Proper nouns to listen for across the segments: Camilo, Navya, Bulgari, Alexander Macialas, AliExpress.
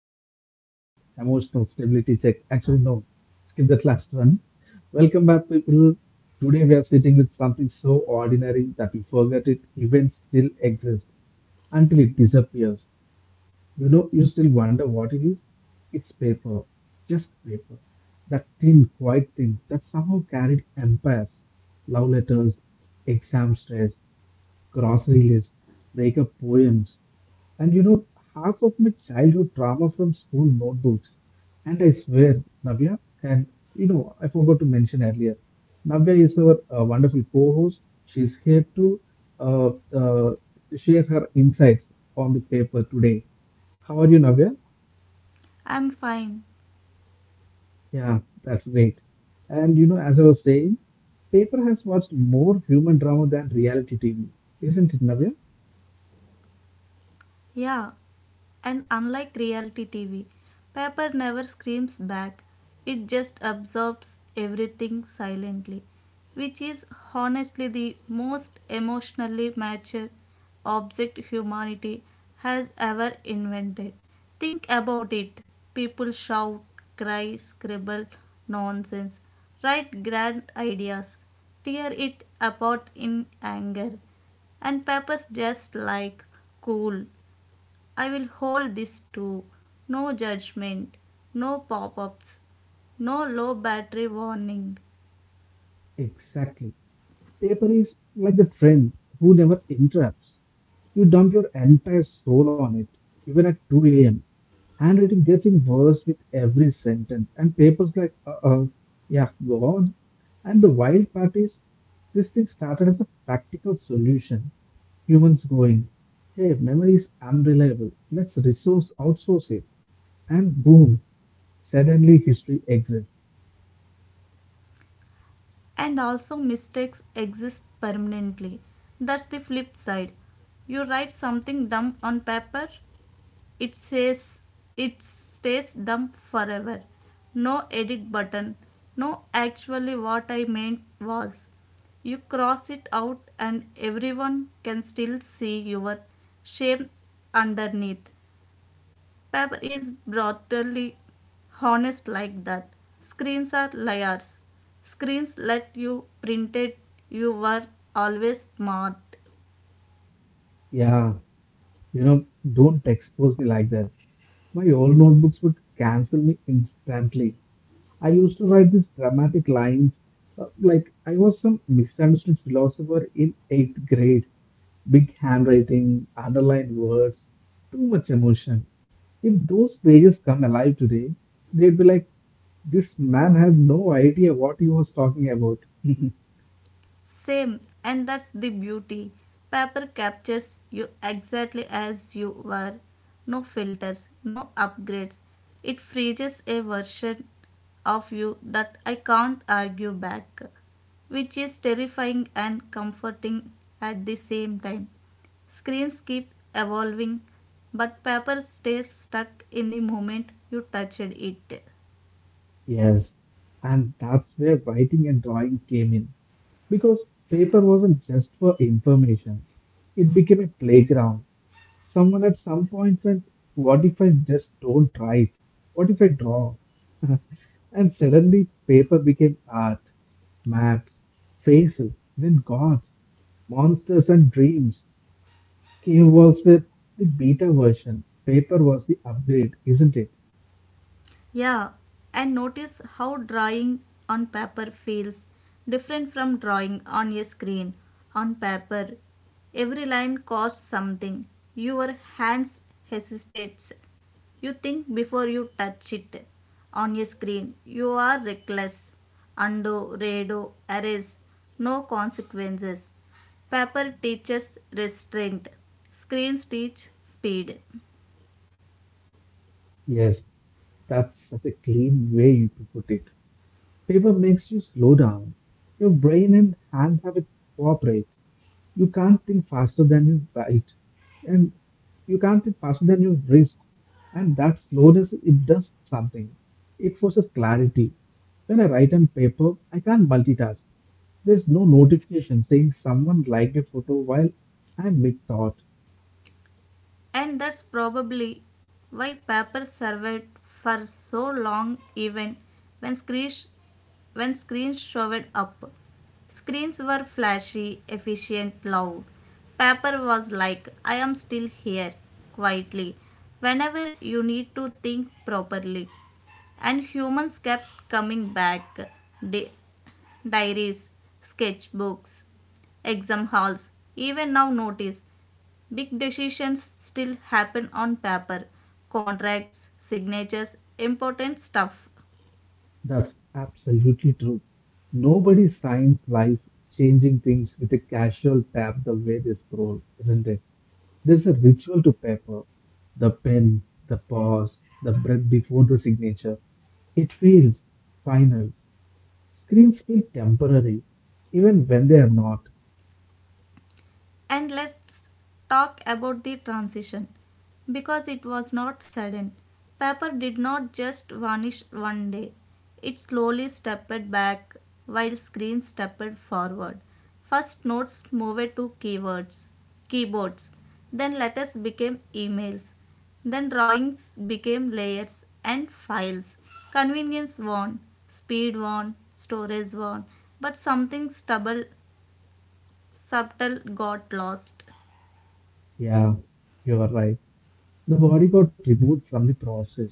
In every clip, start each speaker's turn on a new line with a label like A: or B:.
A: check, brain check, emotional stability check. Actually, no, skip that last one. Welcome back, people. Today we are sitting with something so ordinary that we forget it even still exists until it disappears. You know, you still wonder what it is? It's paper, just paper. That thin, quiet thing that somehow carried empires, love letters, exam stress, grocery lists, breakup poems. And you know, half of my childhood trauma from school notebooks. And I swear, Navya, and you know, I forgot to mention earlier, Navya is our wonderful co-host. She's here to uh, uh, share her insights on the paper today. How are you, Navya?
B: I'm fine.
A: Yeah, that's great. And you know, as I was saying, paper has watched more human drama than reality TV, isn't it, Navya?
B: Yeah, and unlike reality TV, paper never screams back, it just absorbs everything silently, which is honestly the most emotionally mature object humanity has ever invented. Think about it, people shout, cry, scribble nonsense, write grand ideas, tear it apart in anger, and peppers just like, cool, I will hold this too. No judgment, no pop ups, no low battery warning.
A: Exactly. Paper is like the friend who never interrupts. You dump your entire soul on it, even at 2 a.m. Handwriting getting worse with every sentence, and papers like, uh oh, yeah, go on. And the wild part is, this thing started as a practical solution. Humans going, hey, memory is unreliable, let's resource outsource it. And boom, suddenly history exists.
B: And also, mistakes exist permanently. That's the flip side. You write something dumb on paper, it says it stays dumb forever. No edit button, no actually what I meant was. You cross it out, and everyone can still see your shame underneath. Paper is brutally honest like that. Screens are liars. Screens let you print it. You were always smart.
A: Yeah, you know, don't expose me like that. My old notebooks would cancel me instantly. I used to write these dramatic lines like I was some misunderstood philosopher in eighth grade. Big handwriting, underlined words, too much emotion. If those pages come alive today, they'd be like, this man had no idea what he was talking about.
B: Same, and that's the beauty. Paper captures you exactly as you were. No filters, no upgrades. It freezes a version of you that I can't argue back, which is terrifying and comforting at the same time. Screens keep evolving, but paper stays stuck in the moment you touched it.
A: Yes, and that's where writing and drawing came in. Because paper wasn't just for information, it became a playground. Someone at some point went, what if I just don't write? What if I draw? And suddenly, paper became art, maps, faces, even gods, monsters, and dreams. Cave walls were the beta version, paper was the upgrade, isn't it?
B: Yeah, and notice how drawing on paper feels different from drawing on a screen. On paper, every line costs something. Your hands hesitates. You think before you touch it. On a screen, you are reckless. Undo, redo, erase. No consequences. Paper teaches restraint. Screens teach speed.
A: Yes, that's such a clean way you to put it. Paper makes you slow down. Your brain and hand have to cooperate. You can't think faster than you write, and you can't think faster than your wrist. And that slowness, it does something. It forces clarity. When I write on paper, I can't multitask. There's no notification saying someone liked a photo while I'm mid-thought.
B: And that's probably why paper survived for so long even when screens, when screens showed up. Screens were flashy, efficient, loud. Paper was like, I am still here, quietly, whenever you need to think properly. And humans kept coming back. Di- Diaries, sketchbooks, exam halls. Even now, notice big decisions still happen on paper: contracts, signatures, important stuff.
A: That's absolutely true. Nobody signs life changing things with a casual tap the way they scroll, isn't it? There's a ritual to paper, the pen, the pause, the breath before the signature. It feels final. Screens feel temporary, even when they are not.
B: And let's talk about the transition because it was not sudden. Paper did not just vanish one day, it slowly stepped back while screens stepped forward. First, notes moved to keyboards, then letters became emails, then drawings became layers and files. Convenience won, speed won, storage won, but something subtle got lost.
A: Yeah, you are right. The body got removed from the process.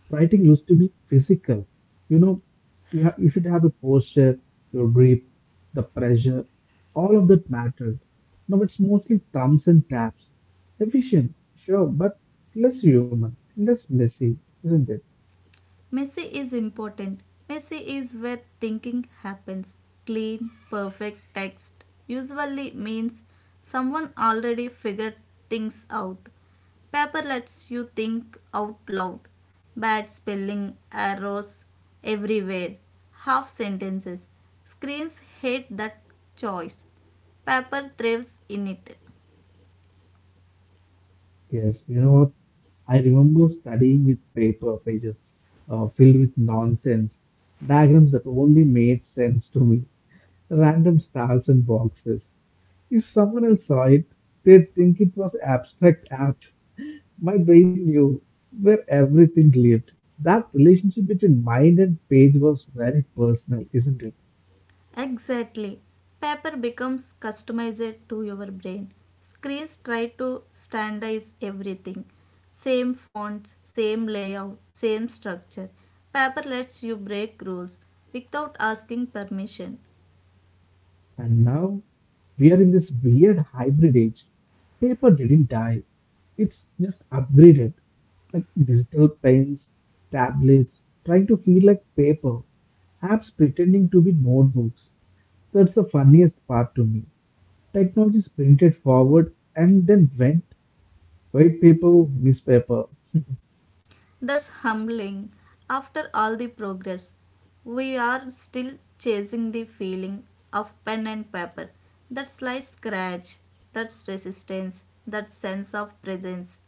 A: Writing used to be physical. You know, you, have, you should have a posture, your grip, the pressure, all of that mattered. Now it's mostly thumbs and taps. Efficient, sure, but less human, less messy, isn't it?
B: Messy is important. Messy is where thinking happens. Clean, perfect text usually means someone already figured things out. Paper lets you think out loud. Bad spelling, errors everywhere, half sentences. Screens hate that choice. Paper thrives in it.
A: Yes, you know what? I remember studying with paper pages filled with nonsense, diagrams that only made sense to me, random stars and boxes. If someone else saw it, they'd think it was abstract art. My brain knew where everything lived. That relationship between mind and page was very personal, isn't it?
B: Exactly. Paper becomes customized to your brain. Screens try to standardize everything. Same fonts, same layout, same structure. Paper lets you break rules without asking permission.
A: And now we are in this weird hybrid age. Paper didn't die, it's just upgraded. Like digital pens, tablets, trying to feel like paper, apps pretending to be notebooks. That's the funniest part to me. Technology sprinted forward and then went white people, newspaper.
B: That's humbling. After all the progress, we are still chasing the feeling of pen and paper. That slight scratch, that resistance, that sense of presence.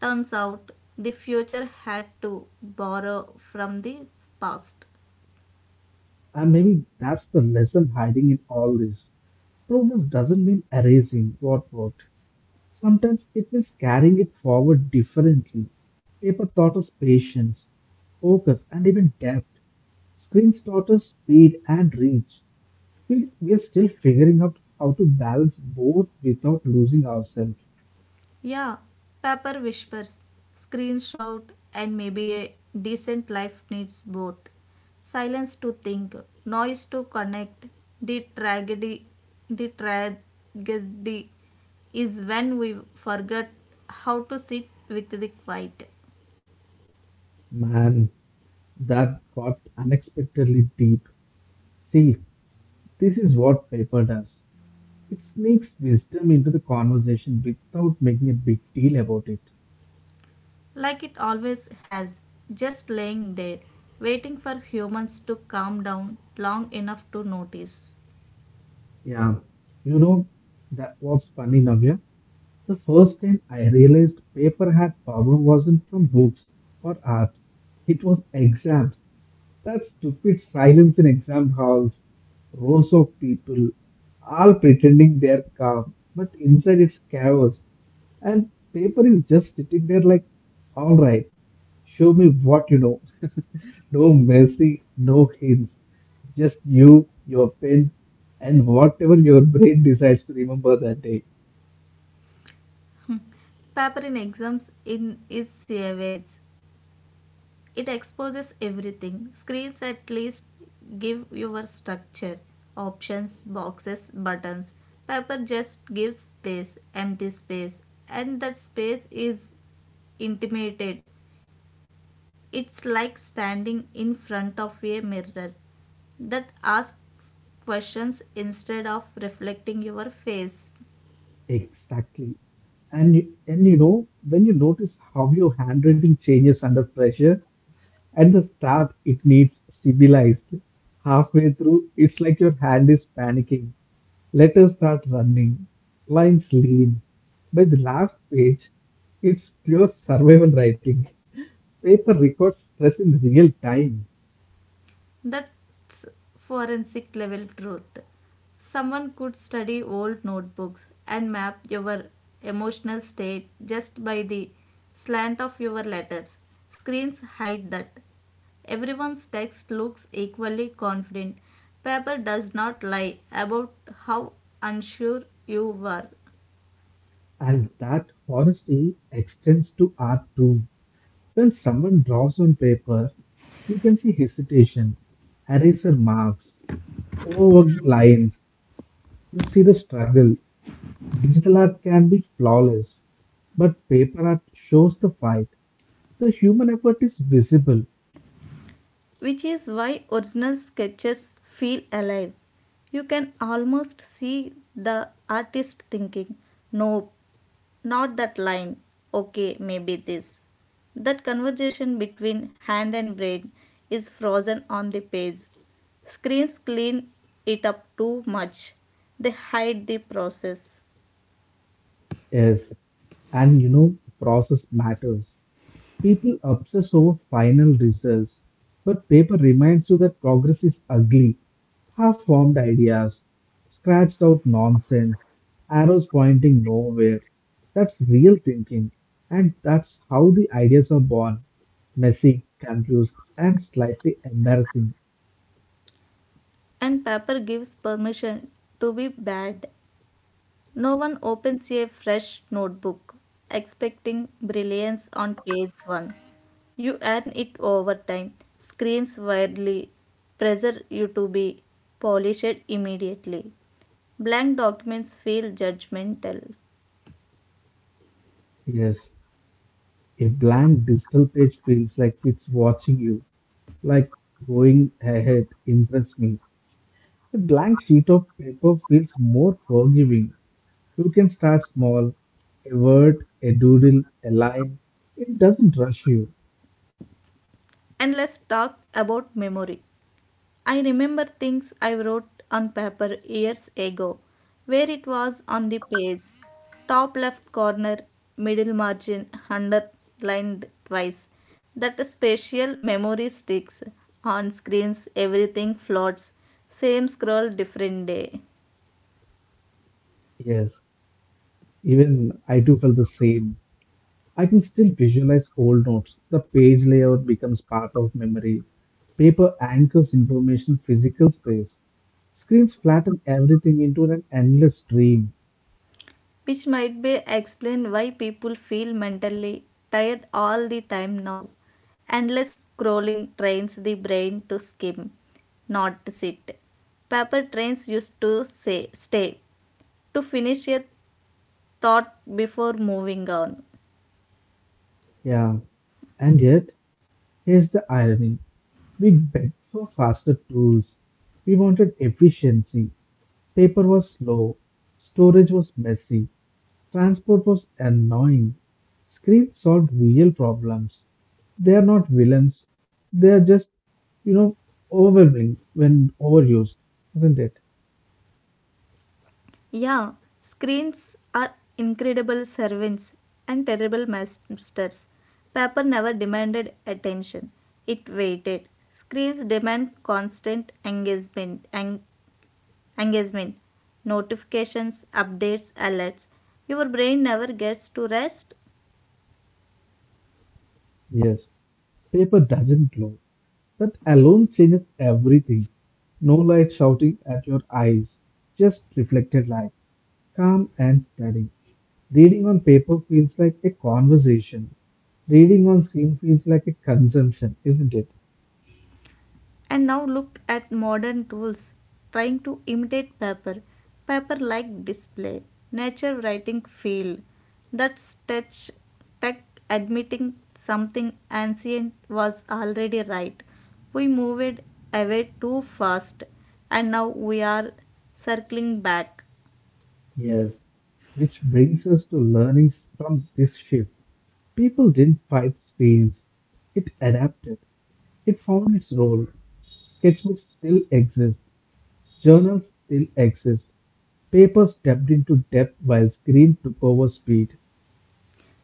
B: Turns out the future had to borrow from the past.
A: And maybe that's the lesson hiding in all this. Progress doesn't mean erasing what worked. Sometimes it means carrying it forward differently. Paper taught us patience, focus, and even depth. Screens taught us speed and reach. We're still figuring out how to balance both without losing ourselves.
B: Yeah, paper whispers, screens shout, and maybe a decent life needs both. Silence to think, noise to connect. The tragedy, the tragedy is when we forget how to sit with the quiet,
A: Man, that got unexpectedly deep. See, this is what paper does. It sneaks wisdom into the conversation without making a big deal about it.
B: like it always has, just laying there, waiting for humans to calm down long enough to notice.
A: Yeah, you know, that was funny, Navya. The first time I realized paper had power wasn't from books or art, it was exams. That stupid silence in exam halls, rows of people, all pretending they're calm, but inside it's chaos. And paper is just sitting there like, all right, show me what you know. No messy, no hints, just you, your pen, and whatever your brain decides to remember that day.
B: Paper in exams in is savage. It exposes everything. Screens at least give your structure, options, boxes, buttons. Paper just gives space, empty space, and that space is intimated. It's like standing in front of a mirror that asks questions instead of reflecting your face.
A: Exactly. And you know, when you notice how your handwriting changes under pressure, at the start it needs civilized. Halfway through, it's like your hand is panicking. Letters start running, lines lean. By the last page, it's pure survival writing. Paper records stress in real time.
B: That's forensic level truth. Someone could study old notebooks and map your emotional state just by the slant of your letters. Screens hide that. Everyone's text looks equally confident. Paper does not lie about how unsure you were.
A: And that honesty extends to art too. When someone draws on paper, you can see hesitation, eraser marks, overworked lines. You see the struggle. Digital art can be flawless, but paper art shows the fight. The human effort is visible.
B: Which is why original sketches feel alive. You can almost see the artist thinking, nope, not that line, okay, maybe this. That conversation between hand and brain is frozen on the page. Screens clean it up too much, they hide the process,
A: Yes, and you know, the process matters. People obsess over final results, but paper reminds you that progress is ugly. Half formed ideas, scratched out nonsense, arrows pointing nowhere. That's real thinking, and that's how the ideas are born messy, confused, and slightly embarrassing.
B: and paper gives permission to be bad. No one opens a fresh notebook expecting brilliance on page 1. You earn it over time, screens widely, pressure you to be polished immediately. Blank documents feel judgmental.
A: Yes, a blank digital page feels like it's watching you, like going ahead, impress me. A blank sheet of paper feels more forgiving. You can start small, a word, a doodle, a line. It doesn't rush you.
B: And let's talk about memory. I remember things I wrote on paper years ago, where it was on the page, top left corner, middle margin, underlined twice. That spatial memory sticks. On screens, everything floats. Same scroll, different day.
A: Yes, even I too felt the same. I can still visualize old notes. The page layout becomes part of memory. Paper anchors information physical space. Screens flatten everything into an endless stream.
B: Which might be explain why people feel mentally tired all the time now. Endless scrolling trains the brain to skim, not sit. Paper trains used to say stay to finish a thought before moving on.
A: Yeah, and yet, here's the irony. We begged for faster tools. We wanted efficiency. Paper was slow. Storage was messy. Transport was annoying. Screens solved real problems. They are not villains. They are just, you know, overwhelming when overused, isn't it?
B: Yeah, screens are incredible servants and terrible masters. Paper never demanded attention. It waited. Screens demand constant engagement. Engagement, notifications, updates, alerts. Your brain never gets to rest.
A: Yes. Paper doesn't glow. That alone changes everything. No light shouting at your eyes, just reflected light. Calm and steady. Reading on paper feels like a conversation. Reading on screen feels like a consumption, isn't it?
B: And now look at modern tools trying to imitate paper, paper like display, nature writing feel. That's touch tech admitting something ancient was already right. We moved away too fast and now we are circling back.
A: Yes, which brings us to learnings from this shift. People didn't fight screens, it adapted, it found its role. Sketchbooks still exist, journals still exist, paper stepped into depth while screen took over speed.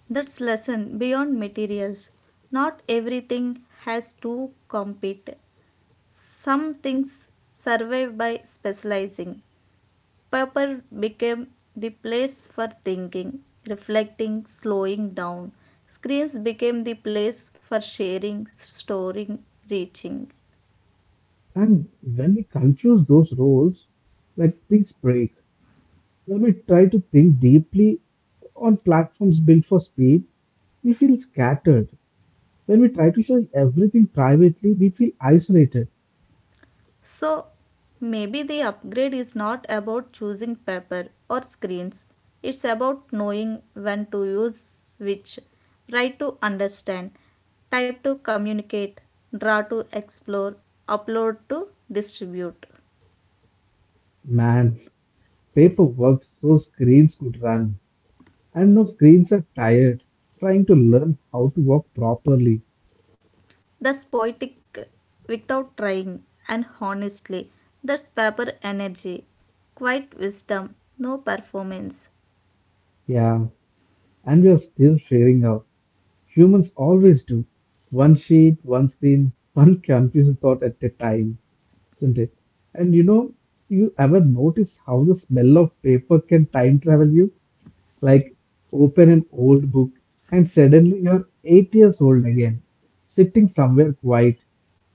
B: That's lesson beyond materials. Not everything has to compete. Some things survive by specializing. Paper became the place for thinking, reflecting, slowing down. Screens became the place for sharing, storing, reaching.
A: And when we confuse those roles, like things break. When we try to think deeply on platforms built for speed, we feel scattered. When we try to share everything privately, we feel isolated.
B: So maybe the upgrade is not about choosing paper or screens. It's about knowing when to use which, write to understand, type to communicate, draw to explore, upload to distribute.
A: Man, paperwork so screens could run. And now screens are tired, trying to learn how to walk properly.
B: That's poetic without trying, and honestly, that's paper energy, quiet wisdom, no performance.
A: Yeah, and we are still figuring out. Humans always do. One sheet, one screen, one confusing thought at a time, isn't it? And you know, you ever notice how the smell of paper can time travel you? Like open an old book and suddenly you're 8 years old again, sitting somewhere quiet,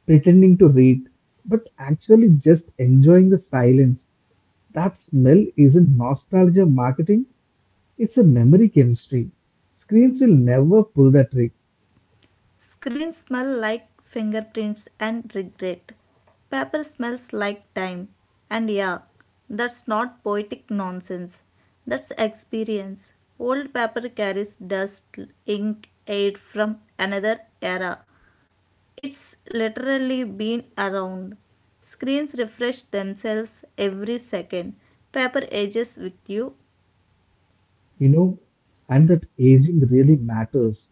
A: pretending to read, but actually just enjoying the silence. That smell isn't nostalgia marketing, it's a memory chemistry. Screens will never pull that trick,
B: Screens smell like fingerprints and regret. Paper smells like time. And yeah, that's not poetic nonsense. That's experience. Old paper carries dust, ink, aid from another era. It's literally been around. Screens refresh themselves every second. Paper ages with you.
A: you know, and that aging really matters.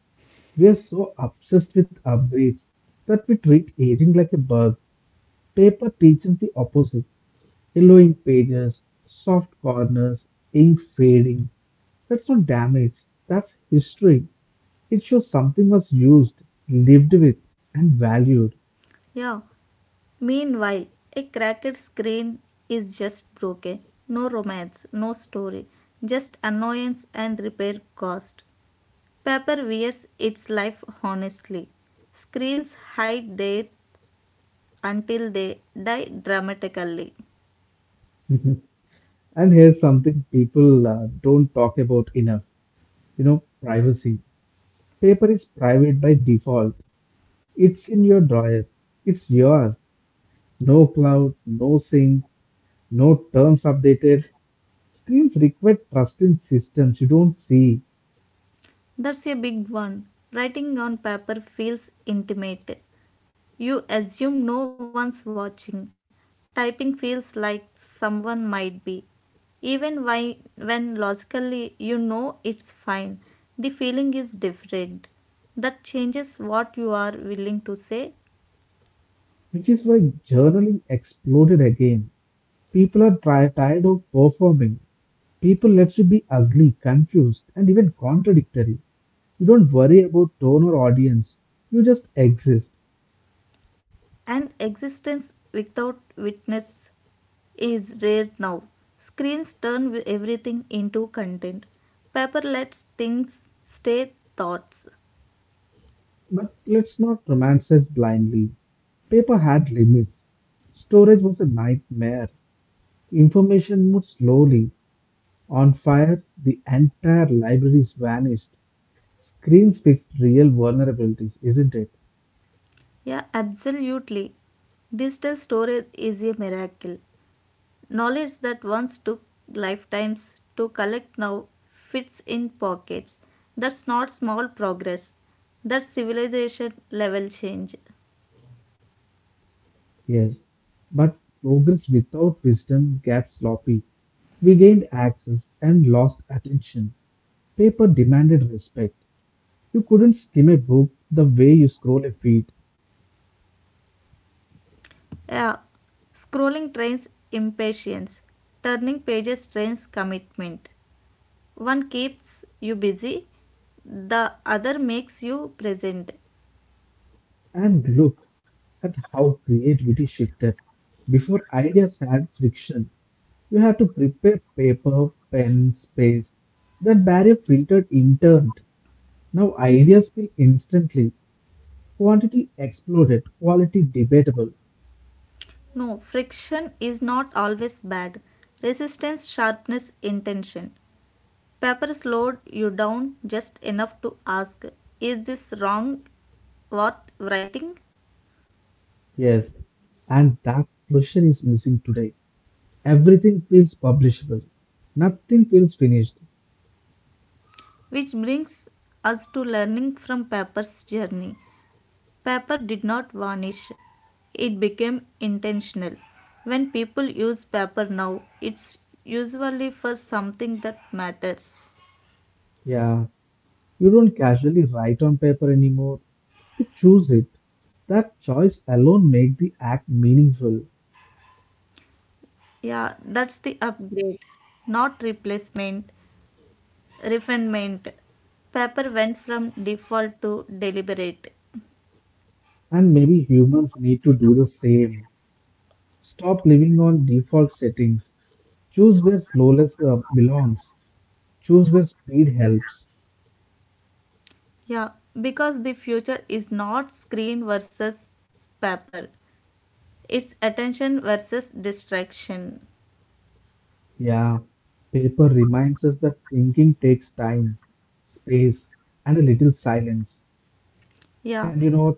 A: We are so obsessed with upgrades that we treat aging like a bug. Paper teaches the opposite. Yellowing pages, soft corners, ink fading. That's not damage, that's history. It shows something was used, lived with, and valued.
B: Yeah. Meanwhile, a cracked screen is just broken. No romance, no story, just annoyance and repair cost. Paper wears its life honestly. Screens hide there until they die dramatically.
A: And here's something people don't talk about enough, you know, privacy. Paper is private by default, it's in your drawer, it's yours. No cloud, no sync, no terms updated. Screens require trust in systems you don't see.
B: That's a big one. Writing on paper feels intimate. You assume no one's watching. Typing feels like someone might be. Even why, when logically you know it's fine, the feeling is different. That changes what you are willing to say,
A: Which is why journaling exploded again. Tired of performing. People left you be ugly, confused, and even contradictory. You don't worry about tone or audience. You just exist.
B: and existence without witness is rare now. Screens turn everything into content. Paper lets things stay thoughts.
A: But let's not romanticize blindly. Paper had limits. Storage was a nightmare. Information moved slowly. On fire, the entire libraries vanished. Screens fixed real vulnerabilities, isn't it?
B: Yeah, absolutely. Digital storage is a miracle. Knowledge that once took lifetimes to collect now fits in pockets. That's not small progress. That's civilization level change.
A: Yes, but progress without wisdom gets sloppy. We gained access and lost attention. Paper demanded respect. You couldn't skim a book the way you scroll a feed.
B: Yeah. Scrolling trains impatience. Turning pages trains commitment. One keeps you busy, the other makes you present.
A: And look at how creativity shifted. Before ideas had friction, you had to prepare paper, pen, space. That barrier filtered interned. Now ideas feel instantly. Quantity exploded, quality debatable.
B: No, friction is not always bad. Resistance sharpness intention. Paper slowed you down just enough to ask, is this wrong worth writing?
A: Yes. And that pressure is missing today. Everything feels publishable, nothing feels finished.
B: Which brings us to learning from paper's journey. Paper did not vanish, it became intentional. When people use paper now, it's usually for something that matters.
A: Yeah, you don't casually write on paper anymore, you choose it. That choice alone makes the act meaningful,
B: Yeah, that's the upgrade, not replacement, refinement. Paper went from default to deliberate.
A: and maybe humans need to do the same. Stop living on default settings. Choose where slowness belongs. Choose where speed helps.
B: Yeah, because the future is not screen versus paper, it's attention versus distraction.
A: Yeah, paper reminds us that thinking takes time, space, and a little silence.
B: Yeah,
A: And you know what?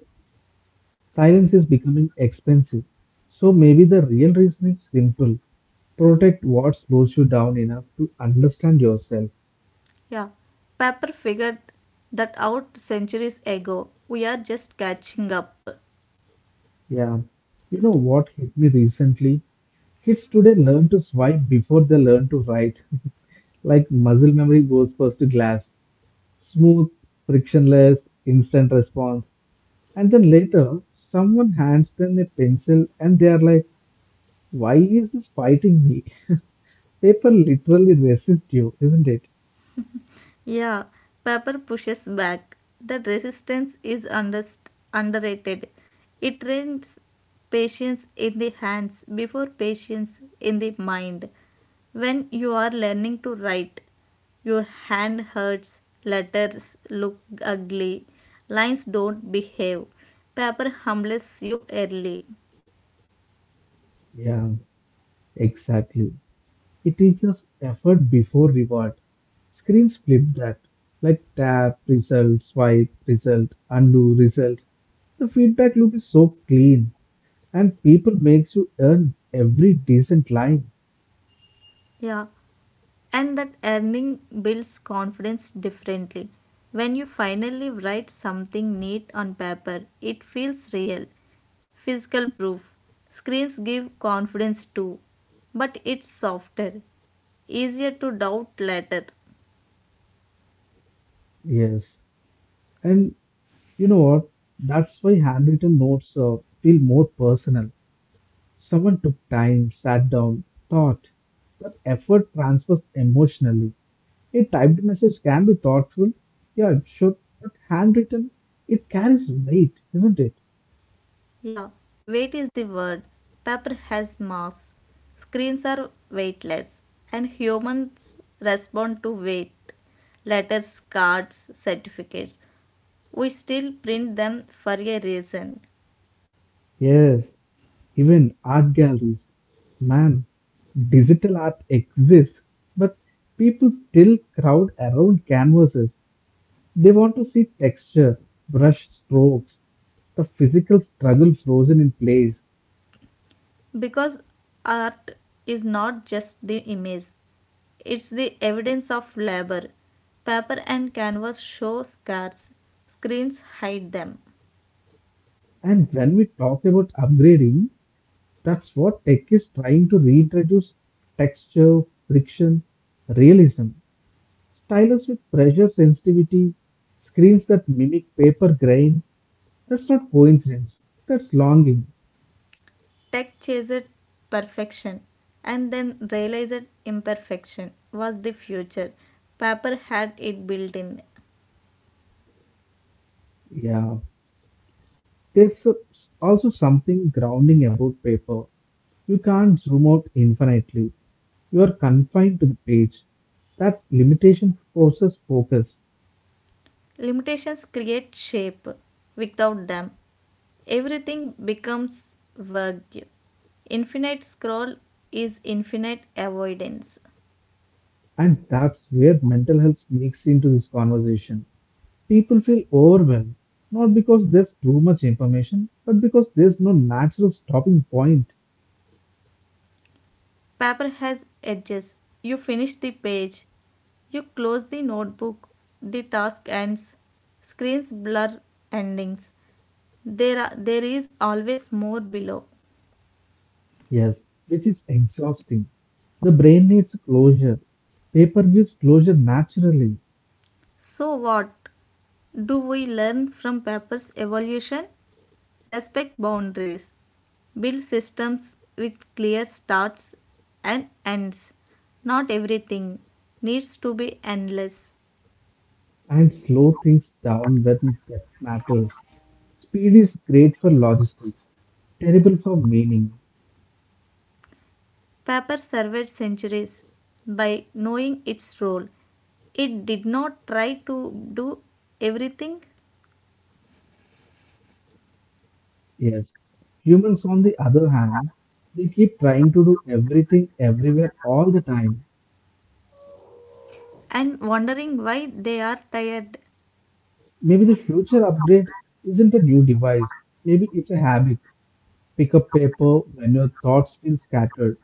A: Silence is becoming expensive. So maybe the real reason is simple. Protect what slows you down enough to understand yourself.
B: yeah. Paper figured that out centuries ago. We are just catching up.
A: Yeah. You know what hit me recently? Kids today learn to swipe before they learn to write. Like muscle memory goes first to glass. Smooth, frictionless, instant response. And then later, someone hands them a pencil and they are like, why is this fighting me? Paper literally resists you, isn't it?
B: Yeah, paper pushes back. That resistance is underrated. It trains patience in the hands before patience in the mind. When you are learning to write, your hand hurts, letters look ugly, lines don't behave. Paper humbles you early.
A: Yeah. Exactly. It teaches effort before reward. Screens flip that, like tap, result, swipe, result, undo, result. The feedback loop is so clean, and people makes you earn every decent line.
B: Yeah, and that earning builds confidence differently. When you finally write something neat on paper, it feels real. Physical proof. Screens give confidence too, but it's softer, easier to doubt later.
A: Yes, and you know what? That's why handwritten notes feel more personal. Someone took time, sat down, thought. That effort transfers emotionally. A typed message can be thoughtful, yeah, it should, but handwritten, it carries weight, isn't it?
B: Yeah, weight is the word. Paper has mass. Screens are weightless, and humans respond to weight letters, cards, certificates. We still print them for a reason,
A: Yes, even art galleries. Man, digital art exists, but people still crowd around canvases. They want to see texture, brush strokes, the physical struggle frozen in place.
B: because art is not just the image, it's the evidence of labor. Paper and canvas show scars, screens hide them.
A: And when we talk about upgrading, that's what tech is trying to reintroduce texture, friction, realism. Stylus with pressure sensitivity, screens that mimic paper grain. That's not coincidence. That's longing.
B: Tech chased perfection and then realized imperfection was the future. Paper had it built in.
A: Yeah. There's a- also something grounding about paper. You can't zoom out infinitely. You are confined to the page. That limitation forces focus.
B: Limitations create shape. Without them, everything becomes vague. Infinite scroll is infinite avoidance.
A: And that's where mental health sneaks into this conversation. People feel overwhelmed, not because there's too much information, but because there's no natural stopping point.
B: Paper has edges. You finish the page. You close the notebook. The task ends. Screens blur endings. There is always more below.
A: Yes, which is exhausting. The brain needs closure. Paper gives closure naturally,
B: So, what do we learn from paper's evolution? Respect boundaries. Build systems with clear starts and ends. Not everything needs to be endless.
A: and slow things down when that matters. Speed is great for logistics, terrible for meaning.
B: Paper survived centuries by knowing its role. It did not try to do everything
A: Yes. Humans, on the other hand, they keep trying to do everything everywhere all the time.
B: and wondering why they are tired.
A: Maybe the future upgrade isn't a new device, maybe it's a habit. Pick up paper when your thoughts feel scattered.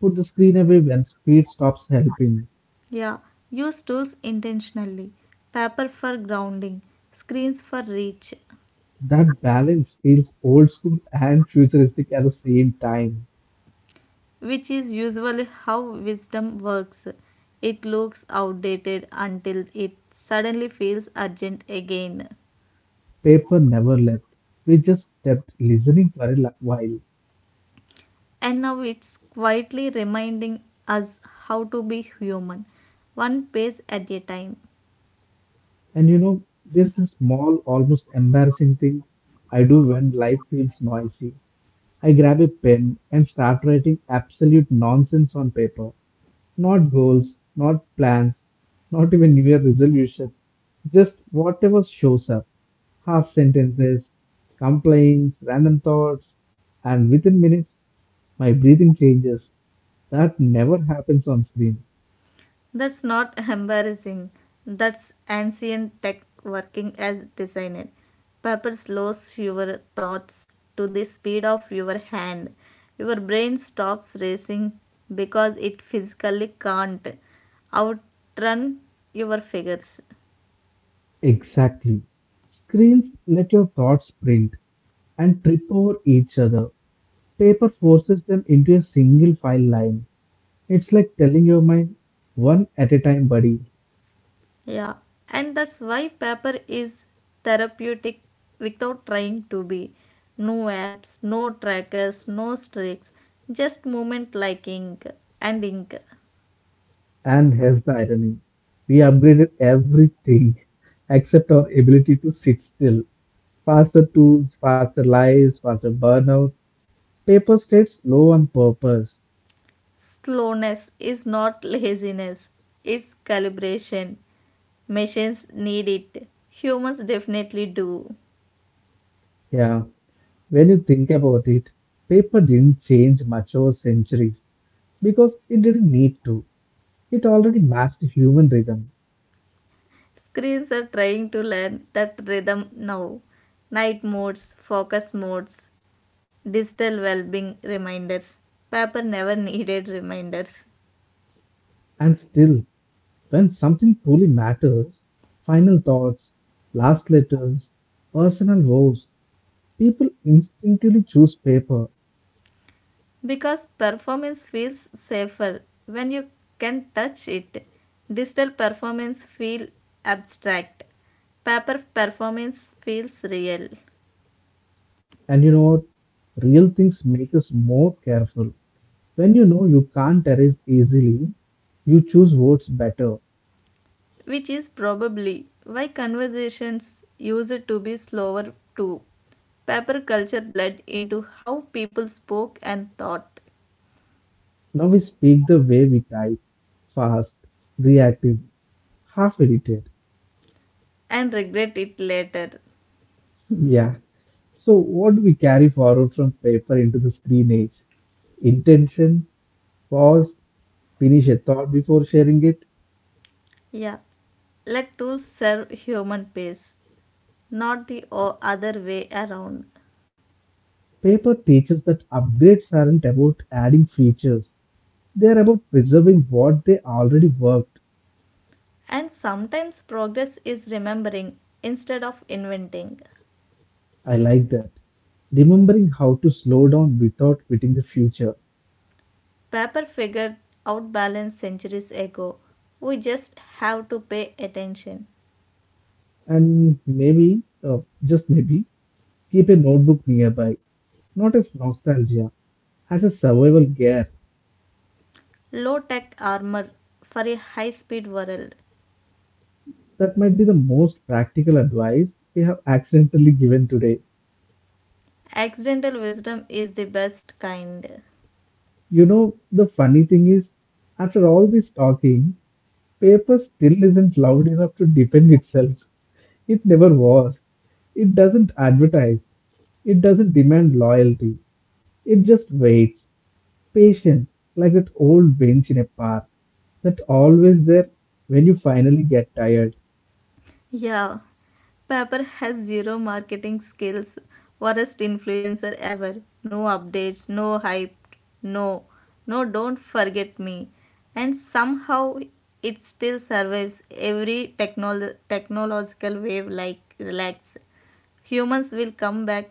A: Put the screen away when speed stops helping.
B: Yeah, use tools intentionally. Paper for grounding, screens for reach,
A: That balance feels old school and futuristic at the same time.
B: which is usually how wisdom works. It looks outdated until it suddenly feels urgent again.
A: Paper never left. We just kept listening for a while.
B: And now it's quietly reminding us how to be human, one page at a time.
A: And you know, there's a small, almost embarrassing thing I do when life feels noisy. I grab a pen and start writing absolute nonsense on paper. Not goals, not plans, not even New Year resolution. Just whatever shows up, half sentences, complaints, random thoughts, and within minutes my breathing changes. That never happens on screen.
B: That's not embarrassing. That's ancient tech working as designed. Paper slows your thoughts to the speed of your hand. Your brain stops racing because it physically can't outrun your figures.
A: Exactly. Screens let your thoughts print and trip over each other. Paper forces them into a single file line. It's like telling your mind, one at a time, buddy.
B: Yeah, and that's why paper is therapeutic without trying to be. No apps, no trackers, no streaks, just movement like ink and ink.
A: And here's the irony, we upgraded everything except our ability to sit still. Faster tools, faster lives, faster burnout. Paper stayed slow on purpose.
B: Slowness is not laziness, it's calibration. Machines need it. Humans definitely do.
A: Yeah. When you think about it, paper didn't change much over centuries because it didn't need to. It already matched human rhythm.
B: Screens are trying to learn that rhythm now. Night modes, focus modes, digital well being reminders. Paper never needed reminders.
A: And still, when something truly matters, final thoughts, last letters, personal vows, people instinctively choose paper.
B: Because performance feels safer when you can touch it. Digital performance feels abstract. Paper performance feels real.
A: And you know what? Real things make us more careful. When you know you can't erase easily, you choose words better.
B: Which is probably why conversations used to be slower too. Paper culture bled into how people spoke and thought,
A: Now we speak the way we type, fast, reactive, half edited.
B: and regret it later.
A: Yeah. So, what do we carry forward from paper into the screen age? Intention, pause, finish a thought before sharing it.
B: Yeah, let tools serve human pace, not the other way around.
A: Paper teaches that upgrades aren't about adding features, they're about preserving what they already worked.
B: And sometimes progress is remembering instead of inventing.
A: I like that. Remembering how to slow down without quitting the future.
B: Paper figured out balance centuries ago. We just have to pay attention.
A: And maybe, just maybe, keep a notebook nearby, not as nostalgia, as a survival gear.
B: Low tech armor for a high speed world.
A: That might be the most practical advice we have accidentally given today.
B: Accidental wisdom is the best kind.
A: You know, the funny thing is, after all this talking, paper still isn't loud enough to defend itself. It never was. It doesn't advertise. It doesn't demand loyalty. It just waits, patient, like that old bench in a park that always there when you finally get tired.
B: Yeah, Pepper has zero marketing skills. Worst influencer ever. No updates, no hype, no, no, don't forget me. And somehow it still survives every technological wave like relax. Humans will come back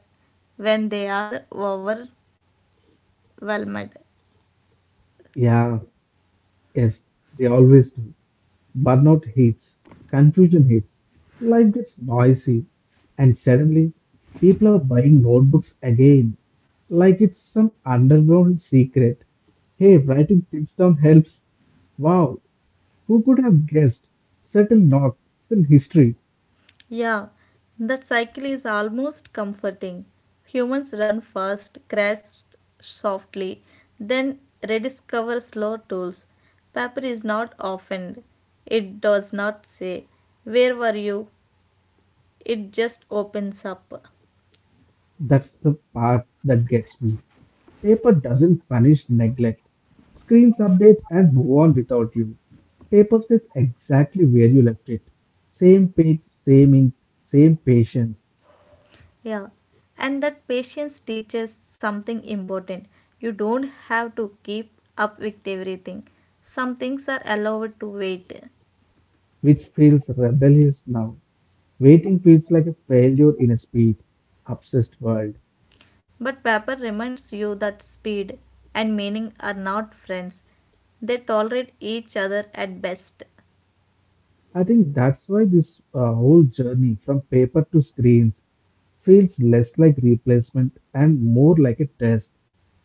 B: when they are overwhelmed.
A: Yeah, yes, they always do. Burnout hits, confusion hits, life gets noisy, and suddenly people are buying notebooks again, like it's some underground secret. Hey, writing things down helps. Wow, who could have guessed? Subtle not in history.
B: Yeah, that cycle is almost comforting. Humans run fast, crash softly, then rediscover slow tools. Paper is not offended. It does not say, where were you? It just opens up.
A: That's the part that gets me. Paper doesn't punish neglect. Screens update and move on without you. Paper stays exactly where you left it. Same page, same ink, same patience,
B: Yeah, and that patience teaches something important. You don't have to keep up with everything. Some things are allowed to wait.
A: which feels rebellious now. Waiting feels like a failure in a speed, obsessed world.
B: But paper reminds you that speed and meaning are not friends. They tolerate each other at best.
A: I think that's why this whole journey from paper to screens feels less like replacement and more like a test.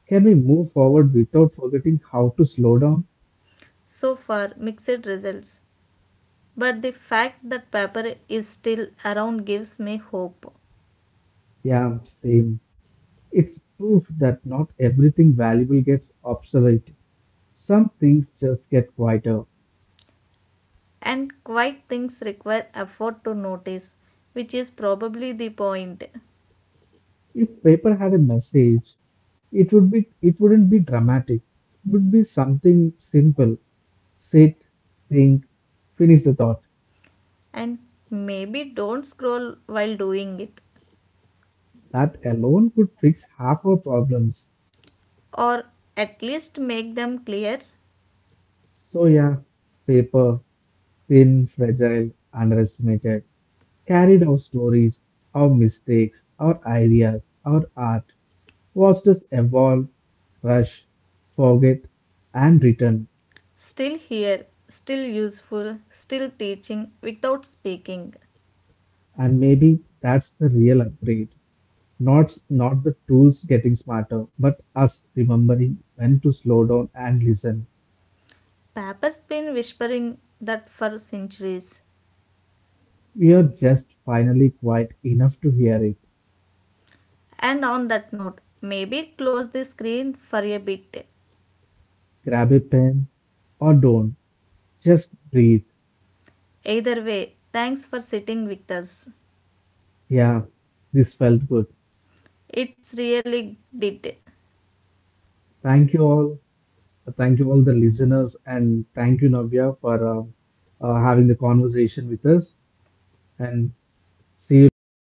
A: Can we move forward without forgetting how to slow down?
B: So far, mixed results. But the fact that paper is still around gives me hope.
A: Yeah, same. It's proof that not everything valuable gets obsolete. Some things just get quieter.
B: And quiet things require effort to notice, which is probably the point.
A: If paper had a message, it would be, it wouldn't be dramatic. It would be something simple. Sit, think, finish the thought.
B: And maybe don't scroll while doing it,
A: That alone could fix half our problems.
B: or at least make them clear.
A: So yeah, paper, thin, fragile, underestimated, carried our stories, our mistakes, our ideas, our art. Watches evolve, rush, forget, and return,
B: Still here, still useful, still teaching without speaking.
A: and maybe that's the real upgrade. Not the tools getting smarter, but us remembering when to slow down and listen.
B: Papa has been whispering that for centuries.
A: We are just finally quiet enough to hear it.
B: And on that note, maybe close the screen for a bit.
A: Grab a pen or don't. Just breathe.
B: Either way, thanks for sitting with us.
A: Yeah, this felt good.
B: It's really did.
A: Thank you all. Thank you all the listeners, and thank you Navya for having the conversation with us. And see you later.